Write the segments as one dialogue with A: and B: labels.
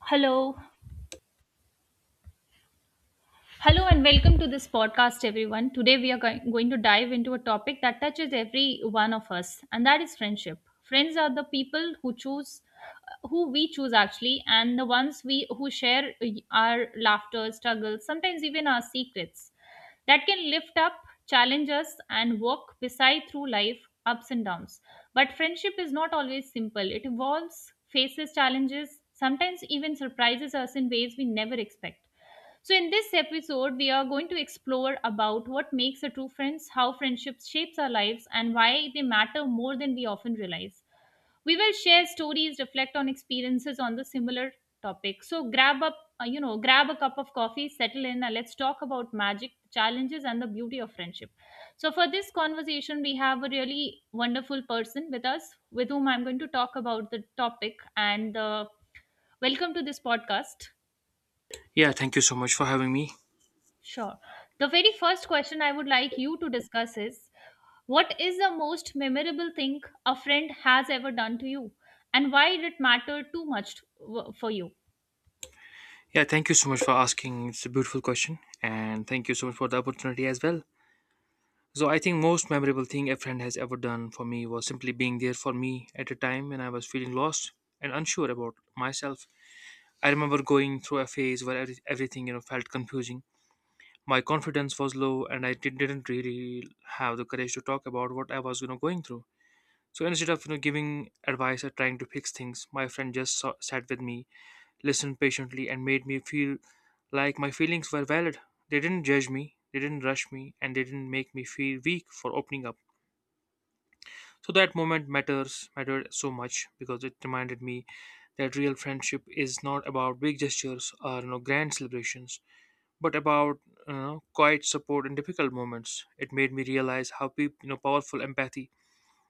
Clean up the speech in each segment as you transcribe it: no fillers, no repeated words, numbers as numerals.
A: Hello. Hello and welcome to this podcast, everyone. Today we are going to dive into a topic that touches every one of us, and that is friendship. Friends are the people who choose who we choose actually and the ones we who share our laughter, struggles, sometimes even our secrets that can lift up, challenge us, and walk beside through life ups and downs. But friendship is not always simple. It evolves, faces challenges, sometimes even surprises us in ways we never expect. So in this episode, we are going to explore about what makes a true friends, how friendships shapes our lives, and why they matter more than we often realize. We will share stories, reflect on experiences on the similar topic. So grab up, grab a cup of coffee, settle in, and let's talk about magic, challenges, and the beauty of friendship. So for this conversation, we have a really wonderful person with us, with whom I'm going to talk about the topic. And welcome to this podcast.
B: Yeah, thank you so much for having me.
A: Sure. The very first question I would like you to discuss is what is the most memorable thing a friend has ever done to you and why did it matter too much for you?
B: Yeah, thank you so much for asking. It's a beautiful question, and thank you so much for the opportunity as well. So, I think most memorable thing a friend has ever done for me was simply being there for me at a time when I was feeling lost and unsure about myself. I remember going through a phase where everything felt confusing. My confidence was low, and I didn't really have the courage to talk about what I was going through. So instead of giving advice or trying to fix things, my friend just sat with me listened patiently, and made me feel like my feelings were valid. They didn't judge me, they didn't rush me, and they didn't make me feel weak for opening up. So that moment matters mattered so much because it reminded me that real friendship is not about big gestures or grand celebrations, but about quiet support in difficult moments. It made me realize how powerful empathy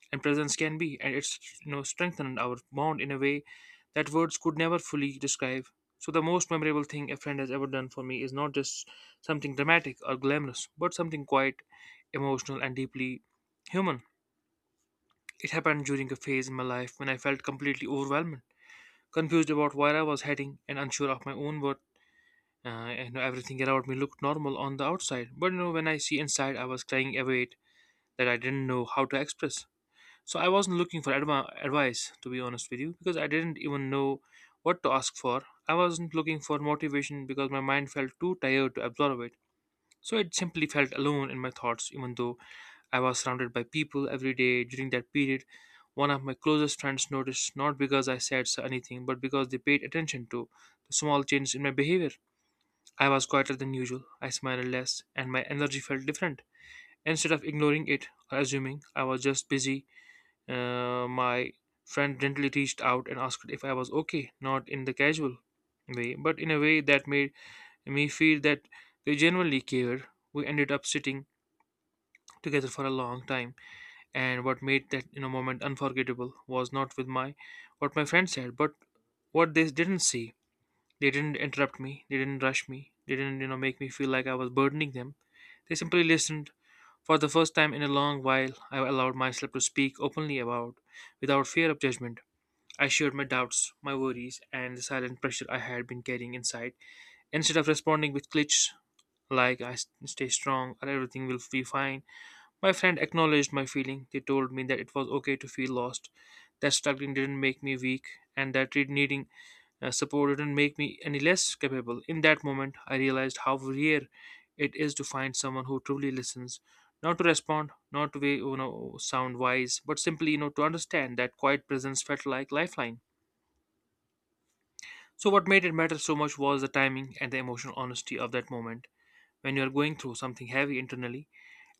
B: and presence can be, and it's strengthened our bond in a way that words could never fully describe. So the most memorable thing a friend has ever done for me is not just something dramatic or glamorous, but something quite emotional and deeply human. It happened during a phase in my life when I felt completely overwhelmed, confused about where I was heading, and unsure of my own worth. And everything around me looked normal on the outside, but when I see inside, I was carrying a weight that I didn't know how to express. So I wasn't looking for advice, to be honest with you, because I didn't even know what to ask for. I wasn't looking for motivation because my mind felt too tired to absorb it. So it simply felt alone in my thoughts, even though I was surrounded by people every day during that period. One of my closest friends noticed not because I said so anything, but because they paid attention to the small changes in my behavior. I was quieter than usual, I smiled less, and my energy felt different. Instead of ignoring it or assuming I was just busy, my friend gently reached out and asked if I was okay, not in the casual way, but in a way that made me feel that they genuinely cared. We ended up sitting together for a long time, and what made that moment unforgettable was not with my what my friend said, but what they didn't see. They didn't interrupt me. They didn't rush me. They didn't make me feel like I was burdening them. They simply listened. For the first time in a long while, I allowed myself to speak openly about without fear of judgment. I shared my doubts, my worries, and the silent pressure I had been carrying inside. Instead of responding with cliches like stay strong or everything will be fine, my friend acknowledged my feeling. They told me that it was okay to feel lost, that struggling didn't make me weak, and that needing support didn't make me any less capable. In that moment, I realized how rare it is to find someone who truly listens. Not to respond, not to sound wise, but simply to understand that quiet presence felt like lifeline. So, what made it matter so much was the timing and the emotional honesty of that moment when you are going through something heavy internally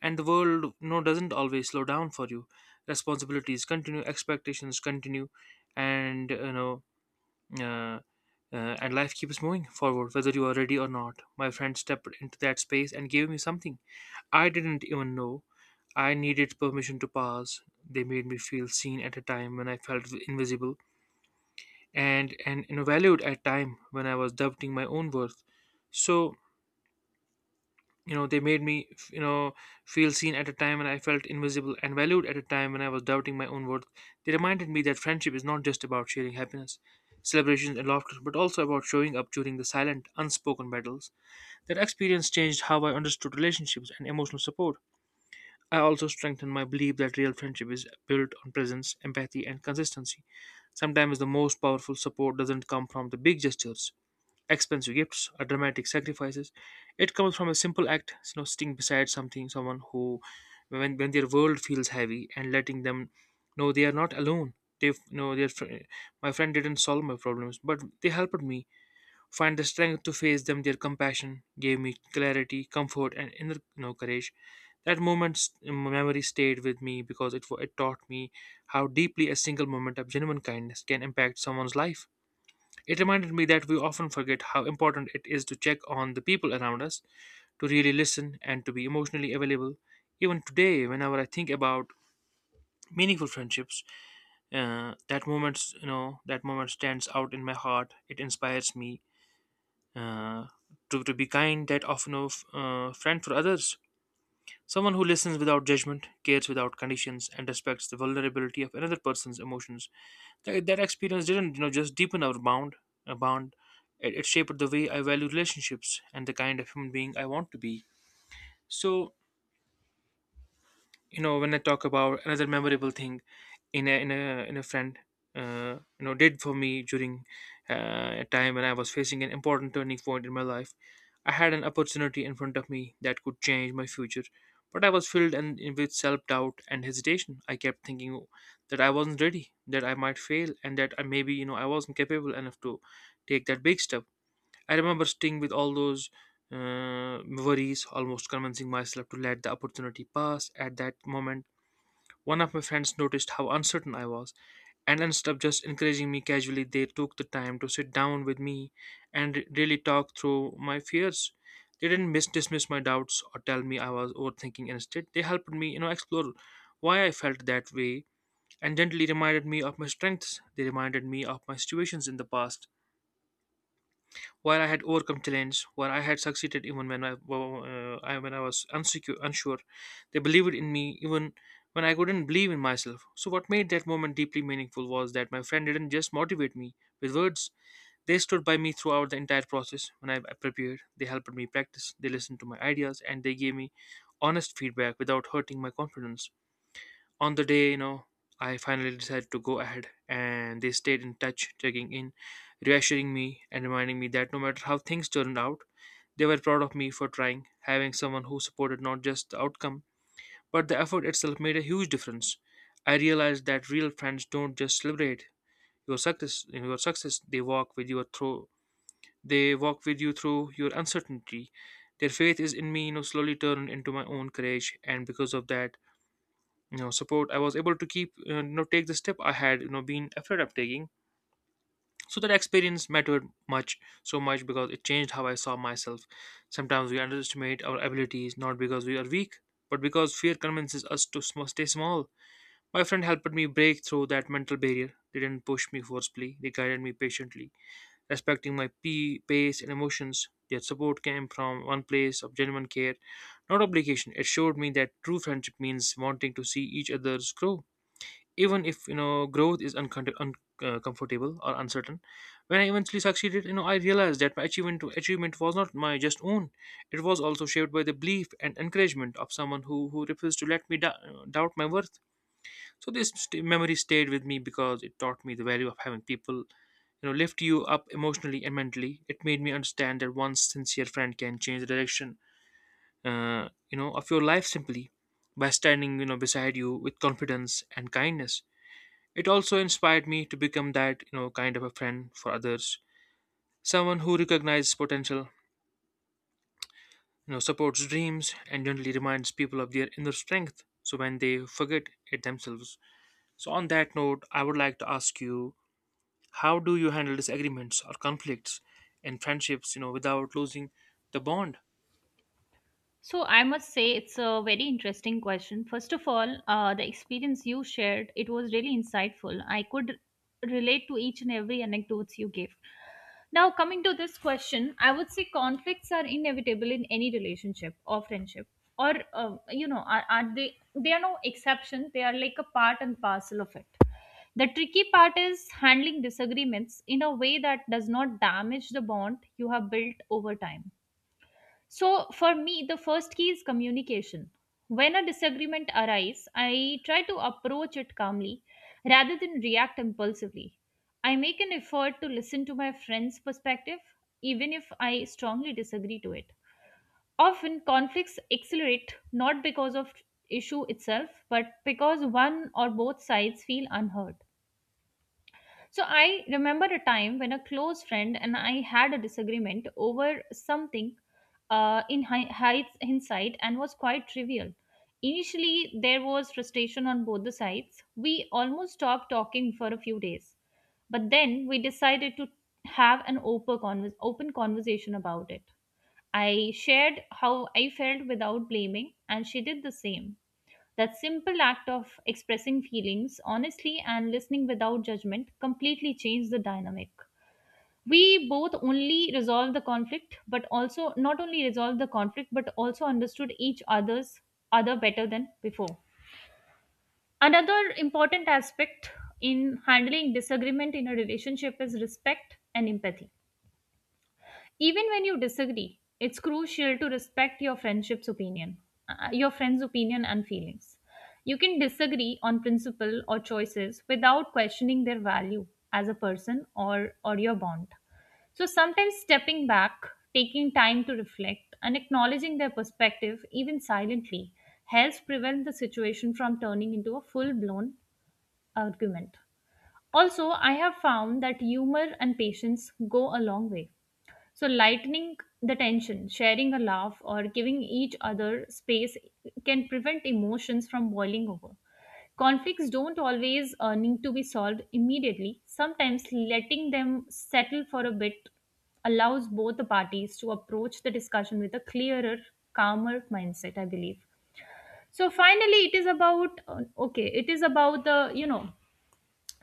B: and the world doesn't always slow down for you. Responsibilities continue, expectations continue, and you know, uh, and life keeps moving forward whether you are ready or not. My friend stepped into that space and gave me something I didn't even know. I needed permission to pause. They made me feel seen at a time when I felt invisible and valued at time when I was doubting my own worth. So they made me feel seen at a time when I felt invisible and valued at a time when I was doubting my own worth. They reminded me that friendship is not just about sharing happiness, celebrations, and laughter, but also about showing up during the silent, unspoken battles. That experience changed how I understood relationships and emotional support. I also strengthened my belief that real friendship is built on presence, empathy, and consistency. Sometimes the most powerful support doesn't come from the big gestures expensive gifts or dramatic sacrifices. It comes from a simple act, sitting beside something, someone who, when their world feels heavy, and letting them know they are not alone. They know their fr- My friend didn't solve my problems, but they helped me find the strength to face them. Their compassion gave me clarity, comfort, and inner courage. That moment's memory stayed with me because it taught me how deeply a single moment of genuine kindness can impact someone's life. It reminded me that we often forget how important it is to check on the people around us, to really listen, and to be emotionally available. Even today, whenever I think about meaningful friendships, that moment stands out in my heart. It inspires me uh, to be kind, that often of friend for others. Someone who listens without judgment, cares without conditions, and respects the vulnerability of another person's emotions. That experience didn't, just deepen our bond. A bond. It shaped the way I value relationships and the kind of human being I want to be. So when I talk about another memorable thing in a friend did for me during a time when I was facing an important turning point in my life I had an opportunity in front of me that could change my future but I was filled and with self-doubt and hesitation I kept thinking that I wasn't ready that I might fail and that I maybe I wasn't capable enough to take that big step. I remember sitting with all those worries, almost convincing myself to let the opportunity pass. At that moment, one of my friends noticed how uncertain I was, and instead of just encouraging me casually, they took the time to sit down with me and really talk through my fears. They didn't dismiss my doubts or tell me I was overthinking. Instead, they helped me, explore why I felt that way and gently reminded me of my strengths. They reminded me of my situations in the past where I had overcome challenges, where I had succeeded even when when I was unsure, they believed in me even when I couldn't believe in myself. So what made that moment deeply meaningful was that my friend didn't just motivate me with words; they stood by me throughout the entire process. When I prepared, they helped me practice, they listened to my ideas, and they gave me honest feedback without hurting my confidence on the day, I finally decided to go ahead, and they stayed in touch, checking in, reassuring me, and reminding me that no matter how things turned out, they were proud of me for trying. Having someone who supported not just the outcome, but the effort itself made a huge difference. I realized that real friends don't just celebrate your success. They walk with you through your uncertainty. Their faith is in me, slowly turned into my own courage, and because of that, you know support I was able to keep you know take the step I had been afraid of taking. So that experience mattered much so much because it changed how I saw myself. Sometimes we underestimate our abilities not because we are weak, but because fear convinces us to stay small. My friend helped me break through that mental barrier. They didn't push me forcefully, they guided me patiently, respecting my pace and emotions. Their support came from one place of genuine care, not obligation. It showed me that true friendship means wanting to see each other's grow, even if growth is comfortable or uncertain. When I eventually succeeded, I realized that my achievement was not my just own. It was also shaped by the belief and encouragement of someone who refused to let me doubt my worth. So this memory stayed with me because it taught me the value of having people lift you up emotionally and mentally. It made me understand that one sincere friend can change the direction of your life, simply by standing, beside you with confidence and kindness. It also inspired me to become that, kind of a friend for others, someone who recognizes potential, supports dreams and generally reminds people of their inner strength so when they forget it themselves. So on that note, I would like to ask you, how do you handle disagreements or conflicts in friendships, without losing the bond?
A: So I must say it's a very interesting question. First of all, the experience you shared it was really insightful. I could relate to each and every anecdotes you gave. Now coming to this question, I would say conflicts are inevitable in any relationship or friendship, or are they? They are no exception. They are like a part and parcel of it. The tricky part is handling disagreements in a way that does not damage the bond you have built over time. So for me, the first key is communication. When a disagreement arises, I try to approach it calmly rather than react impulsively. I make an effort to listen to my friend's perspective, even if I strongly disagree to it. Often, conflicts accelerate not because of issue itself, but because one or both sides feel unheard. So I remember a time when a close friend and I had a disagreement over something in hindsight and was quite trivial. Initially, there was frustration on both the sides. We almost stopped talking for a few days, but then we decided to have an open, open conversation about it. I shared how I felt without blaming, and she did the same. That simple act of expressing feelings honestly and listening without judgment completely changed the dynamic. We both only resolved the conflict, but also not only resolved the conflict, but also understood each other's other better than before. Another important aspect in handling disagreement in a relationship is respect and empathy. Even when you disagree, it's crucial to respect your friendship's opinion, your friend's opinion and feelings. You can disagree on principle or choices without questioning their value as a person or your bond. So sometimes stepping back, taking time to reflect, and acknowledging their perspective, even silently, helps prevent the situation from turning into a full blown argument. Also, I have found that humor and patience go a long way. So, lightening the tension, sharing a laugh, or giving each other space can prevent emotions from boiling over. Conflicts don't always need to be solved immediately. Sometimes letting them settle for a bit allows both the parties to approach the discussion with a clearer, calmer mindset, I believe. So finally, it is about okay, it is about the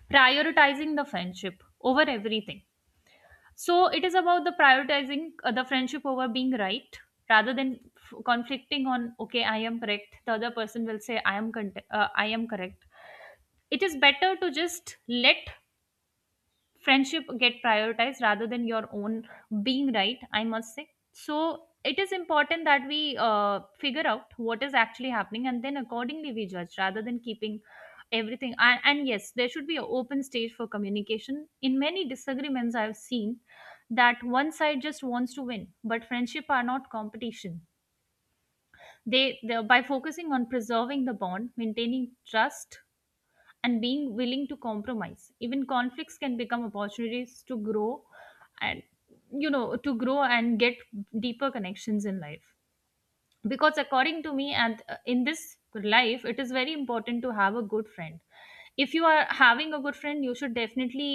A: prioritizing the friendship over everything. So it is about the prioritizing the friendship over being right, rather than conflicting on okay I am correct, the other person will say I am I am correct. It is better to just let friendship get prioritized rather than your own being right, I must say. So it is important that we figure out what is actually happening and then accordingly we judge rather than keeping everything, and yes there should be an open stage for communication. In many disagreements I've seen that one side just wants to win, but friendship are not competition. They by focusing on preserving the bond, maintaining trust, and being willing to compromise, even conflicts can become opportunities to grow, and to grow and get deeper connections in life. Because according to me, and in this life it is very important to have a good friend. If you are having a good friend, you should definitely,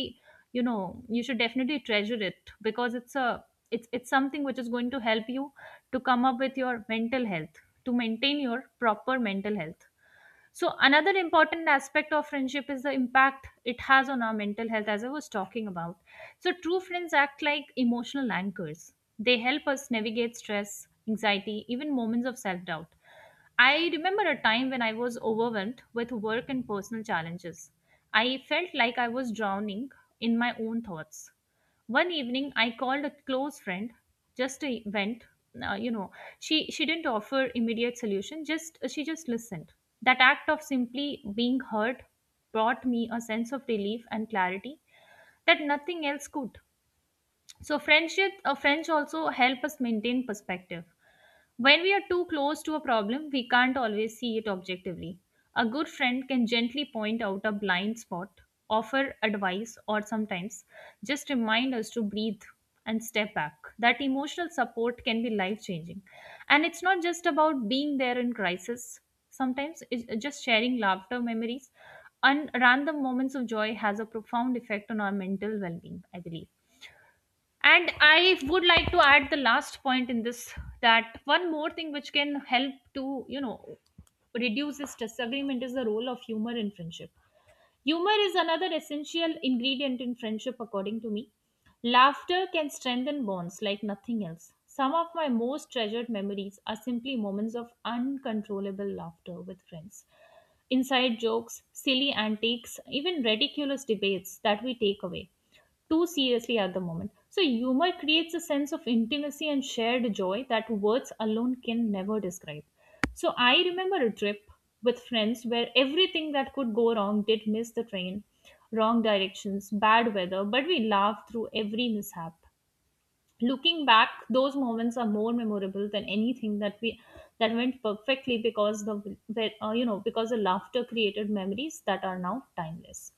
A: you should definitely treasure it, because it's a, it's it's something which is going to help you to come up with your mental health, to maintain your proper mental health. So, another important aspect of friendship is the impact it has on our mental health, as I was talking about. So, true friends act like emotional anchors, they help us navigate stress, anxiety, even moments of self doubt. I remember a time when I was overwhelmed with work and personal challenges. I felt like I was drowning in my own thoughts. One evening I called a close friend just a vent. uh, you know she didn't offer immediate solution, just she just listened. That act of simply being heard brought me a sense of relief and clarity that nothing else could. So friendship, friends also help us maintain perspective. When we are too close to a problem, we can't always see it objectively. A good friend can gently point out a blind spot, offer advice, or sometimes just remind us to breathe and step back. That emotional support can be life changing. And it's not just about being there in crisis, sometimes it's just sharing laughter, memories, and random moments of joy has a profound effect on our mental well being, I believe. And I would like to add the last point in this, that one more thing which can help to, reduce this disagreement is the role of humor in friendship. Humor is another essential ingredient in friendship, according to me. Laughter can strengthen bonds like nothing else. Some of my most treasured memories are simply moments of uncontrollable laughter with friends. Inside jokes, silly antics, even ridiculous debates that we take away too seriously at the moment. So, humor creates a sense of intimacy and shared joy that words alone can never describe. So, I remember a trip with friends where everything that could go wrong did: miss the train, wrong directions, bad weather, but we laughed through every mishap. Looking back, those moments are more memorable than anything that we that went perfectly, because the because the laughter created memories that are now timeless.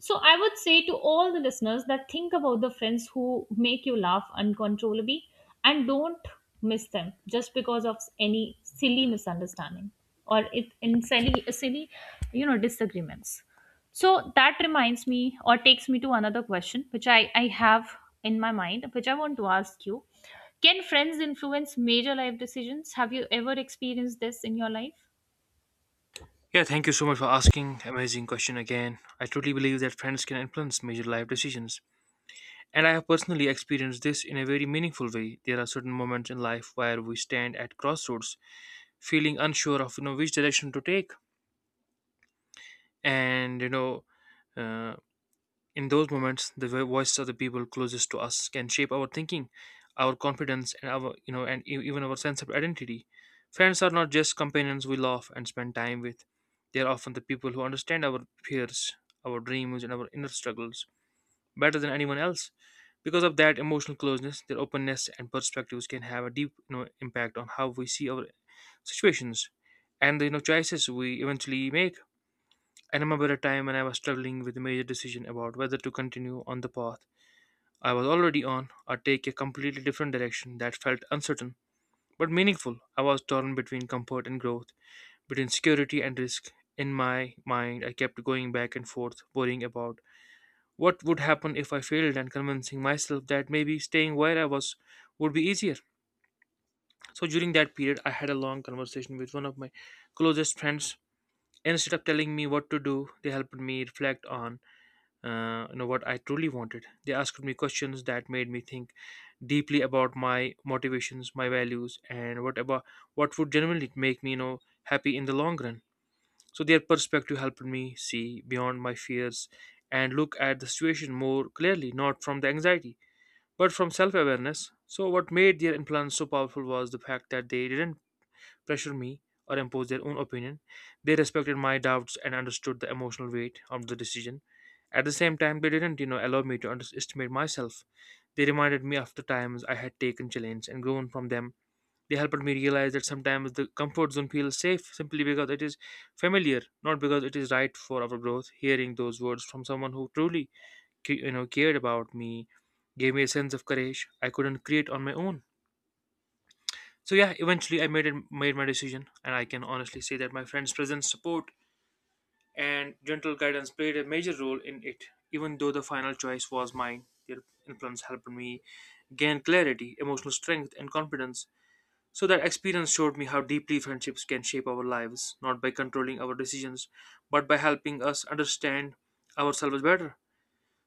A: So I would say to all the listeners that think about the friends who make you laugh uncontrollably and don't miss them just because of any silly misunderstanding or it in silly disagreements. So that reminds me or takes me to another question which I have in my mind which I want to ask you. Can friends influence major life decisions? Have you ever experienced this in your life?
B: Yeah, thank you so much for asking. Amazing question again. I truly believe that friends can influence major life decisions, and I have personally experienced this in a very meaningful way. There are certain moments in life where we stand at crossroads, feeling unsure of which direction to take, and uh, in those moments, the voices of the people closest to us can shape our thinking, our confidence, and our, and even our sense of identity. Friends are not just companions we love and spend time with; they are often the people who understand our fears, our dreams, and our inner struggles better than anyone else. Because of that emotional closeness, their openness and perspectives can have a deep, impact on how we see our situations and the, choices we eventually make. I remember a time when I was struggling with a major decision about whether to continue on the path I was already on or take a completely different direction that felt uncertain but meaningful. I was torn between comfort and growth, between security and risk. In my mind, I kept going back and forth, worrying about what would happen if I failed and convincing myself that maybe staying where I was would be easier. So during that period, I had a long conversation with one of my closest friends. Instead of telling me what to do, they helped me reflect on what I truly wanted. They asked me questions that made me think deeply about my motivations, my values, and what would genuinely make me, happy in the long run. So their perspective helped me see beyond my fears and look at the situation more clearly, not from the anxiety but from self awareness. So what made their influence so powerful was the fact that they didn't pressure me or impose their own opinion. They respected my doubts and understood the emotional weight of the decision. At the same time, they didn't, allow me to underestimate myself. They reminded me of the times I had taken challenge and grown from them. They helped me realize that sometimes the comfort zone feels safe simply because it is familiar, not because it is right for our growth. Hearing those words from someone who truly cared about me gave me a sense of courage I couldn't create on my own. So yeah, eventually I made my decision, and I can honestly say that my friend's presence, support, and gentle guidance played a major role in it. Even though the final choice was mine, their influence helped me gain clarity, emotional strength, and confidence. So that experience showed me how deeply friendships can shape our lives, not by controlling our decisions but by helping us understand ourselves better.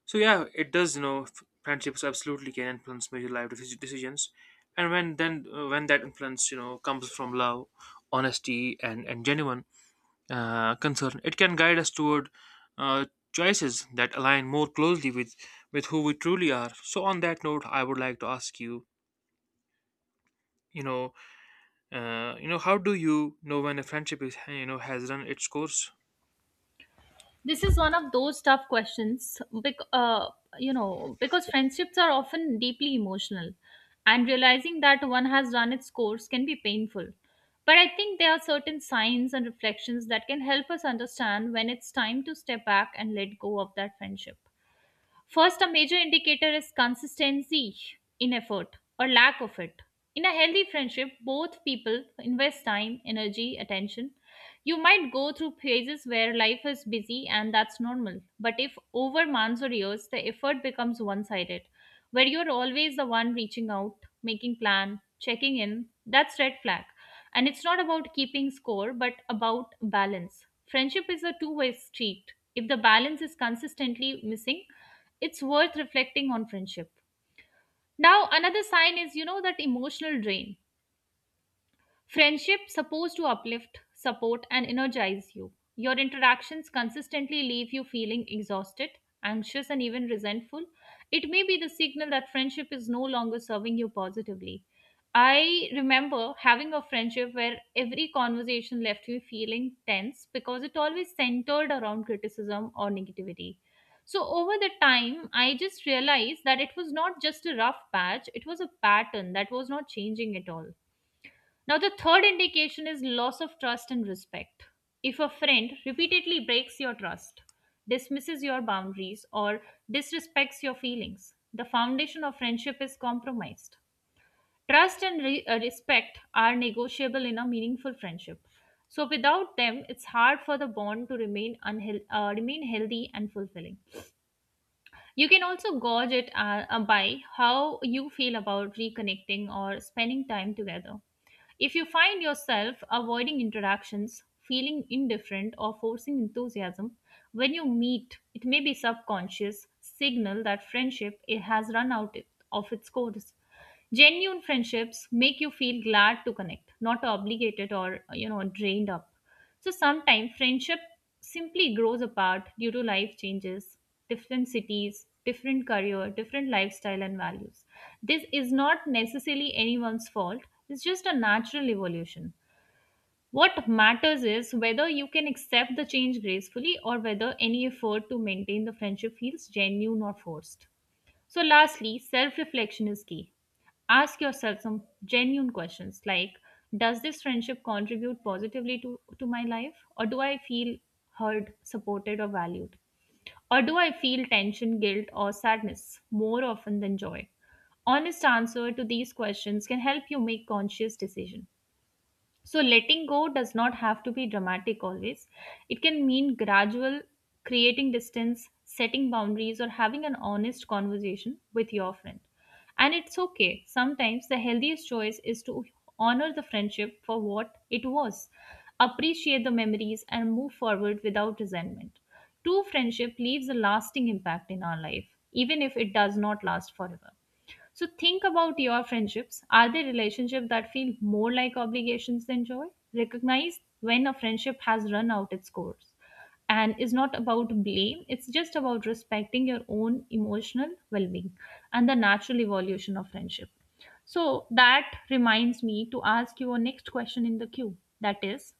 B: So yeah, it does. You know, friendships absolutely can influence major life decisions, and when that influence, comes from love, honesty, and genuine concern, it can guide us toward uh, choices that align more closely with who we truly are. So on that note, I would like to ask you, you know, how do you know when a friendship is you know has run its course?
A: This is one of those tough questions you know because friendships are often deeply emotional and realizing that one has run its course can be painful, but I think there are certain signs and reflections that can help us understand when it's time to step back and let go of that friendship. First, a major indicator is consistency in effort or lack of it. In a healthy friendship, both people invest time, energy, attention. You might go through phases where life is busy and that's normal. But if over months or years, the effort becomes one sided, where you're always the one reaching out, making plan, checking in, that's red flag. And it's not about keeping score, but about balance. Friendship is a two-way street. If the balance is consistently missing, it's worth reflecting on friendship. Now another sign is, that emotional drain. Friendship supposed to uplift, support, and energize you. Your interactions consistently leave you feeling exhausted, anxious, and even resentful. It may be the signal that friendship is no longer serving you positively. I remember having a friendship where every conversation left me feeling tense because it always centered around criticism or negativity. So, over the time, I just realized that it was not just a rough patch, it was a pattern that was not changing at all. Now, the third indication is loss of trust and respect. If a friend repeatedly breaks your trust, dismisses your boundaries, or disrespects your feelings, the foundation of friendship is compromised. Trust and respect are negotiable in a meaningful friendship. So, without them, it's hard for the bond to remain, remain healthy and fulfilling. You can also gauge it by how you feel about reconnecting or spending time together. If you find yourself avoiding interactions, feeling indifferent, or forcing enthusiasm when you meet, it may be subconscious signal that friendship it has run out of its course. Genuine friendships make you feel glad to connect, not obligated or drained up. So sometimes friendship simply grows apart due to life changes, different cities, different career, different lifestyle and values. This is not necessarily anyone's fault, it's just a natural evolution. What matters is whether you can accept the change gracefully or whether any effort to maintain the friendship feels genuine or forced. So, lastly, self reflection is key. Ask yourself some genuine questions like, does this friendship contribute positively to my life? Or do I feel heard, supported, or valued? Or do I feel tension, guilt, or sadness more often than joy? Honest answer to these questions can help you make conscious decisions. So, letting go does not have to be dramatic always. It can mean gradual, creating distance, setting boundaries, or having an honest conversation with your friend. And it's okay. Sometimes the healthiest choice is to honor the friendship for what it was, appreciate the memories, and move forward without resentment. True friendship leaves a lasting impact in our life, even if it does not last forever. So think about your friendships. Are they relationships that feel more like obligations than joy? Recognize when a friendship has run out its course and is not about blame. It's just about respecting your own emotional well-being and the natural evolution of friendship. So that reminds me to ask you a next question in the queue. That is,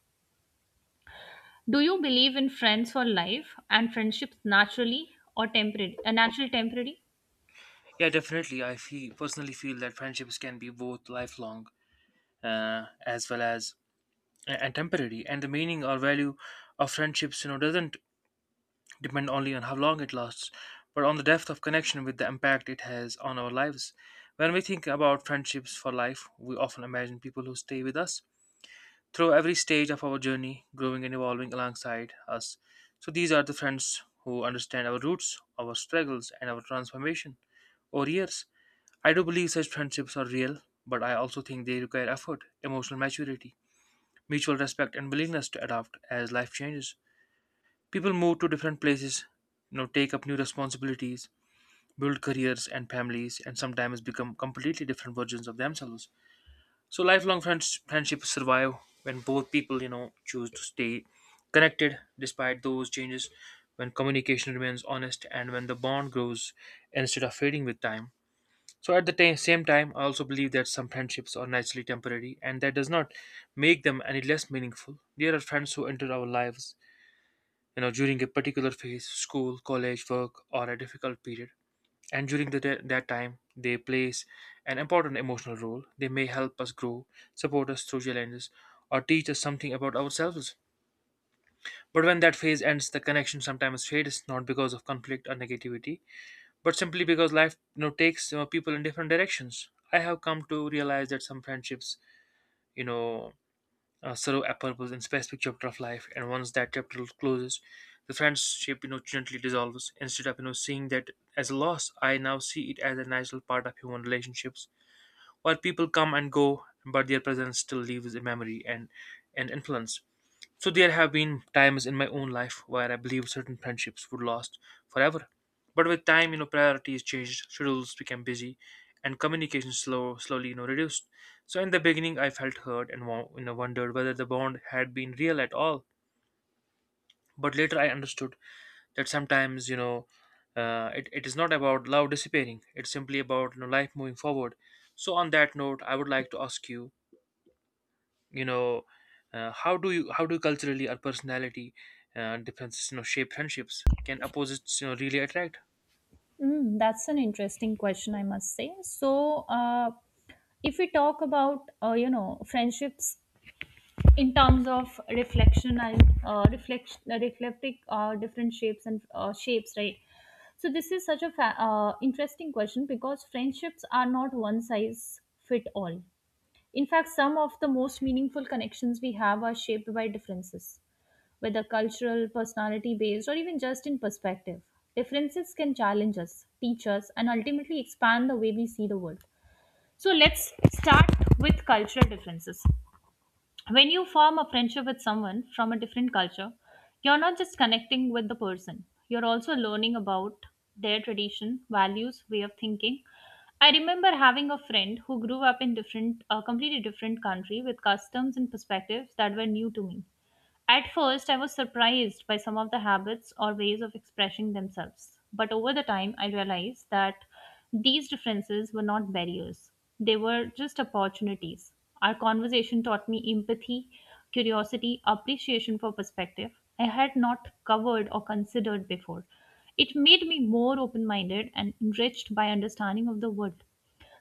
A: do you believe in friends for life and friendships naturally or temporary, natural temporary?
B: Yeah, definitely. I feel personally feel that friendships can be both lifelong as well as and temporary, and the meaning or value of friendships, doesn't depend only on how long it lasts but on the depth of connection with the impact it has on our lives. When we think about friendships for life, we often imagine people who stay with us through every stage of our journey, growing and evolving alongside us. So these are the friends who understand our roots, our struggles, and our transformation over years. I do believe such friendships are real, but I also think they require effort, emotional maturity, mutual respect, and willingness to adapt as life changes. People move to different places, take up new responsibilities, build careers and families, and sometimes become completely different versions of themselves. So lifelong friends friendships survive when both people, choose to stay connected despite those changes, when communication remains honest, and when the bond grows instead of fading with time. So at the same time, I also believe that some friendships are naturally temporary, and that does not make them any less meaningful. There are friends who enter our lives, during a particular phase, school, college, work, or a difficult period. And during that time, they play an important emotional role. They may help us grow, support us through challenges, or teach us something about ourselves. But when that phase ends, the connection sometimes fades, not because of conflict or negativity, but simply because life, takes, people in different directions. I have come to realize that some friendships, you know serve a purpose in specific chapter of life, and once that chapter closes, the friendship, gently dissolves. Instead of, seeing that as a loss, I now see it as a natural part of human relationships, where people come and go but their presence still leaves a memory and influence. So there have been times in my own life where I believed certain friendships would last forever. But with time, priorities changed, schedules became busy, and communication slowly, reduced. So in the beginning, I felt hurt and wondered whether the bond had been real at all. But later, I understood that sometimes, it is not about love disappearing. It's simply about, life moving forward. So on that note, I would like to ask you, you know how do you, how do culturally or personality differences, shape friendships? Can opposites, really attract?
A: Mm, that's an interesting question, I must say. So, if we talk about friendships in terms of reflection and reflecting different shapes and shapes, right? So this is such a interesting question because friendships are not one size fit all. In fact, some of the most meaningful connections we have are shaped by differences whether cultural, personality based, or even just in perspective. Differences can challenge us, teach us, and ultimately expand the way we see the world. So let's start with cultural differences. When you form a friendship with someone from a different culture, you're not just connecting with the person, you're also learning about their tradition, values, way of thinking. I remember having a friend who grew up in a completely different country with customs and perspectives that were new to me. At first, I was surprised by some of the habits or ways of expressing themselves. But over the time, I realized that these differences were not barriers, they were just opportunities. Our conversation taught me empathy, curiosity, appreciation for perspective I had not covered or considered before. It made me more open minded and enriched by understanding of the world.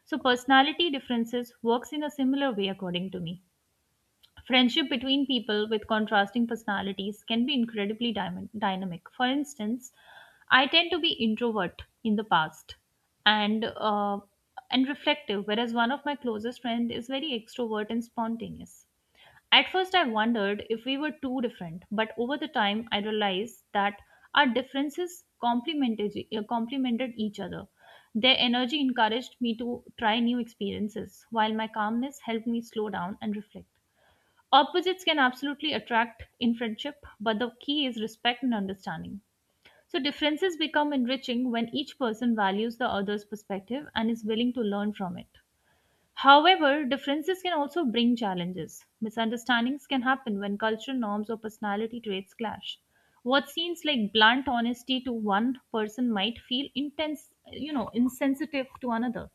A: So, personality differences works in a similar way, according to me. Friendship between people with contrasting personalities can be incredibly dynamic. For instance, I tend to be introvert in the past and reflective, whereas one of my closest friends is very extrovert and spontaneous. At first, I wondered if we were too different, but over the time, I realized that our differences complemented each other. Their energy encouraged me to try new experiences, while my calmness helped me slow down and reflect. Opposites can absolutely attract in friendship, but the key is respect and understanding. So, differences become enriching when each person values the other's perspective and is willing to learn from it. However, differences can also bring challenges. Misunderstandings can happen when cultural norms or personality traits clash. What seems like blunt honesty to one person might feel intense, you know, insensitive to another,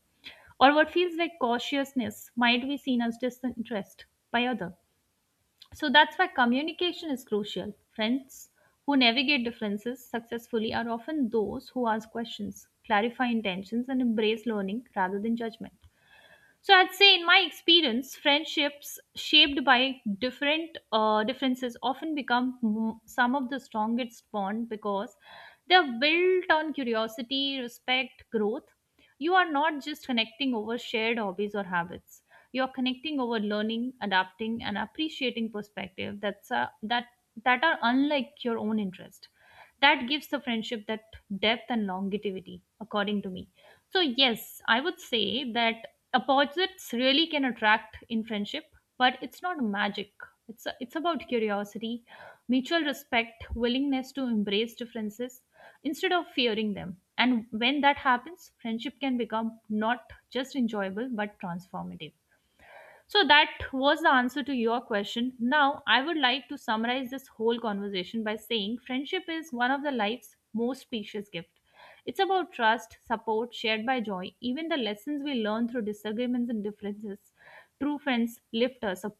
A: or what feels like cautiousness might be seen as disinterest by other. So that's why communication is crucial. Friends who navigate differences successfully are often those who ask questions, clarify intentions, and embrace learning rather than judgment. So I'd say, in my experience, friendships shaped by different differences often become some of the strongest bond because they are built on curiosity, respect, growth. You are not just connecting over shared hobbies or habits. You are connecting over learning, adapting, and appreciating perspective that are unlike your own interest. That gives the friendship that depth and longevity, according to me. So, yes, I would say that opposites really can attract in friendship, but it's not magic. It's about curiosity, mutual respect, willingness to embrace differences instead of fearing them. And when that happens, friendship can become not just enjoyable but transformative. So that was the answer to your question. Now, I would like to summarize this whole conversation by saying friendship is one of the life's most precious gift. It's about trust, support, shared by joy, even the lessons we learn through disagreements and differences. True friends lift us up,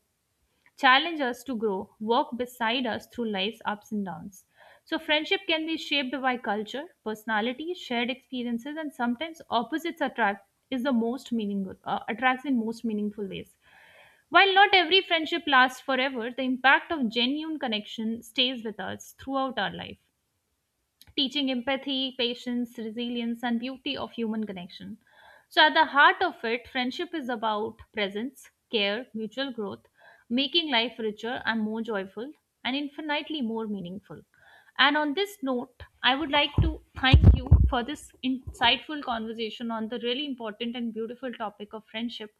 A: challenge us to grow, work beside us through life's ups and downs. So, friendship can be shaped by culture, personality, shared experiences, and sometimes opposites attract is the most meaningful attracts in most meaningful ways. While not every friendship lasts forever, the impact of genuine connection stays with us throughout our life, teaching empathy, patience, resilience, and beauty of human connection. So, at the heart of it, friendship is about presence, care, mutual growth, making life richer and more joyful, and infinitely more meaningful. And on this note, I would like to thank you for this insightful conversation on the really important and beautiful topic of friendship.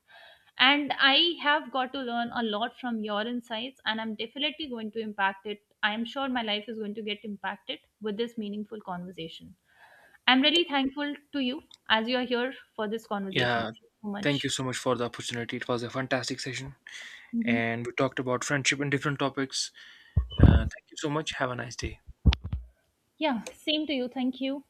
A: And I have got to learn a lot from your insights, and I'm definitely going to impact it. I am sure my life is going to get impacted with this meaningful conversation. I'm really thankful to you as you're here for this conversation.
B: Yeah,
A: Thank you so
B: thank
A: much.
B: you so much for the opportunity. It was a fantastic session
A: Mhm.
B: and we talked about friendship and different topics. Thank you so much. Have a nice day.
A: Yeah, same to you. Thank you.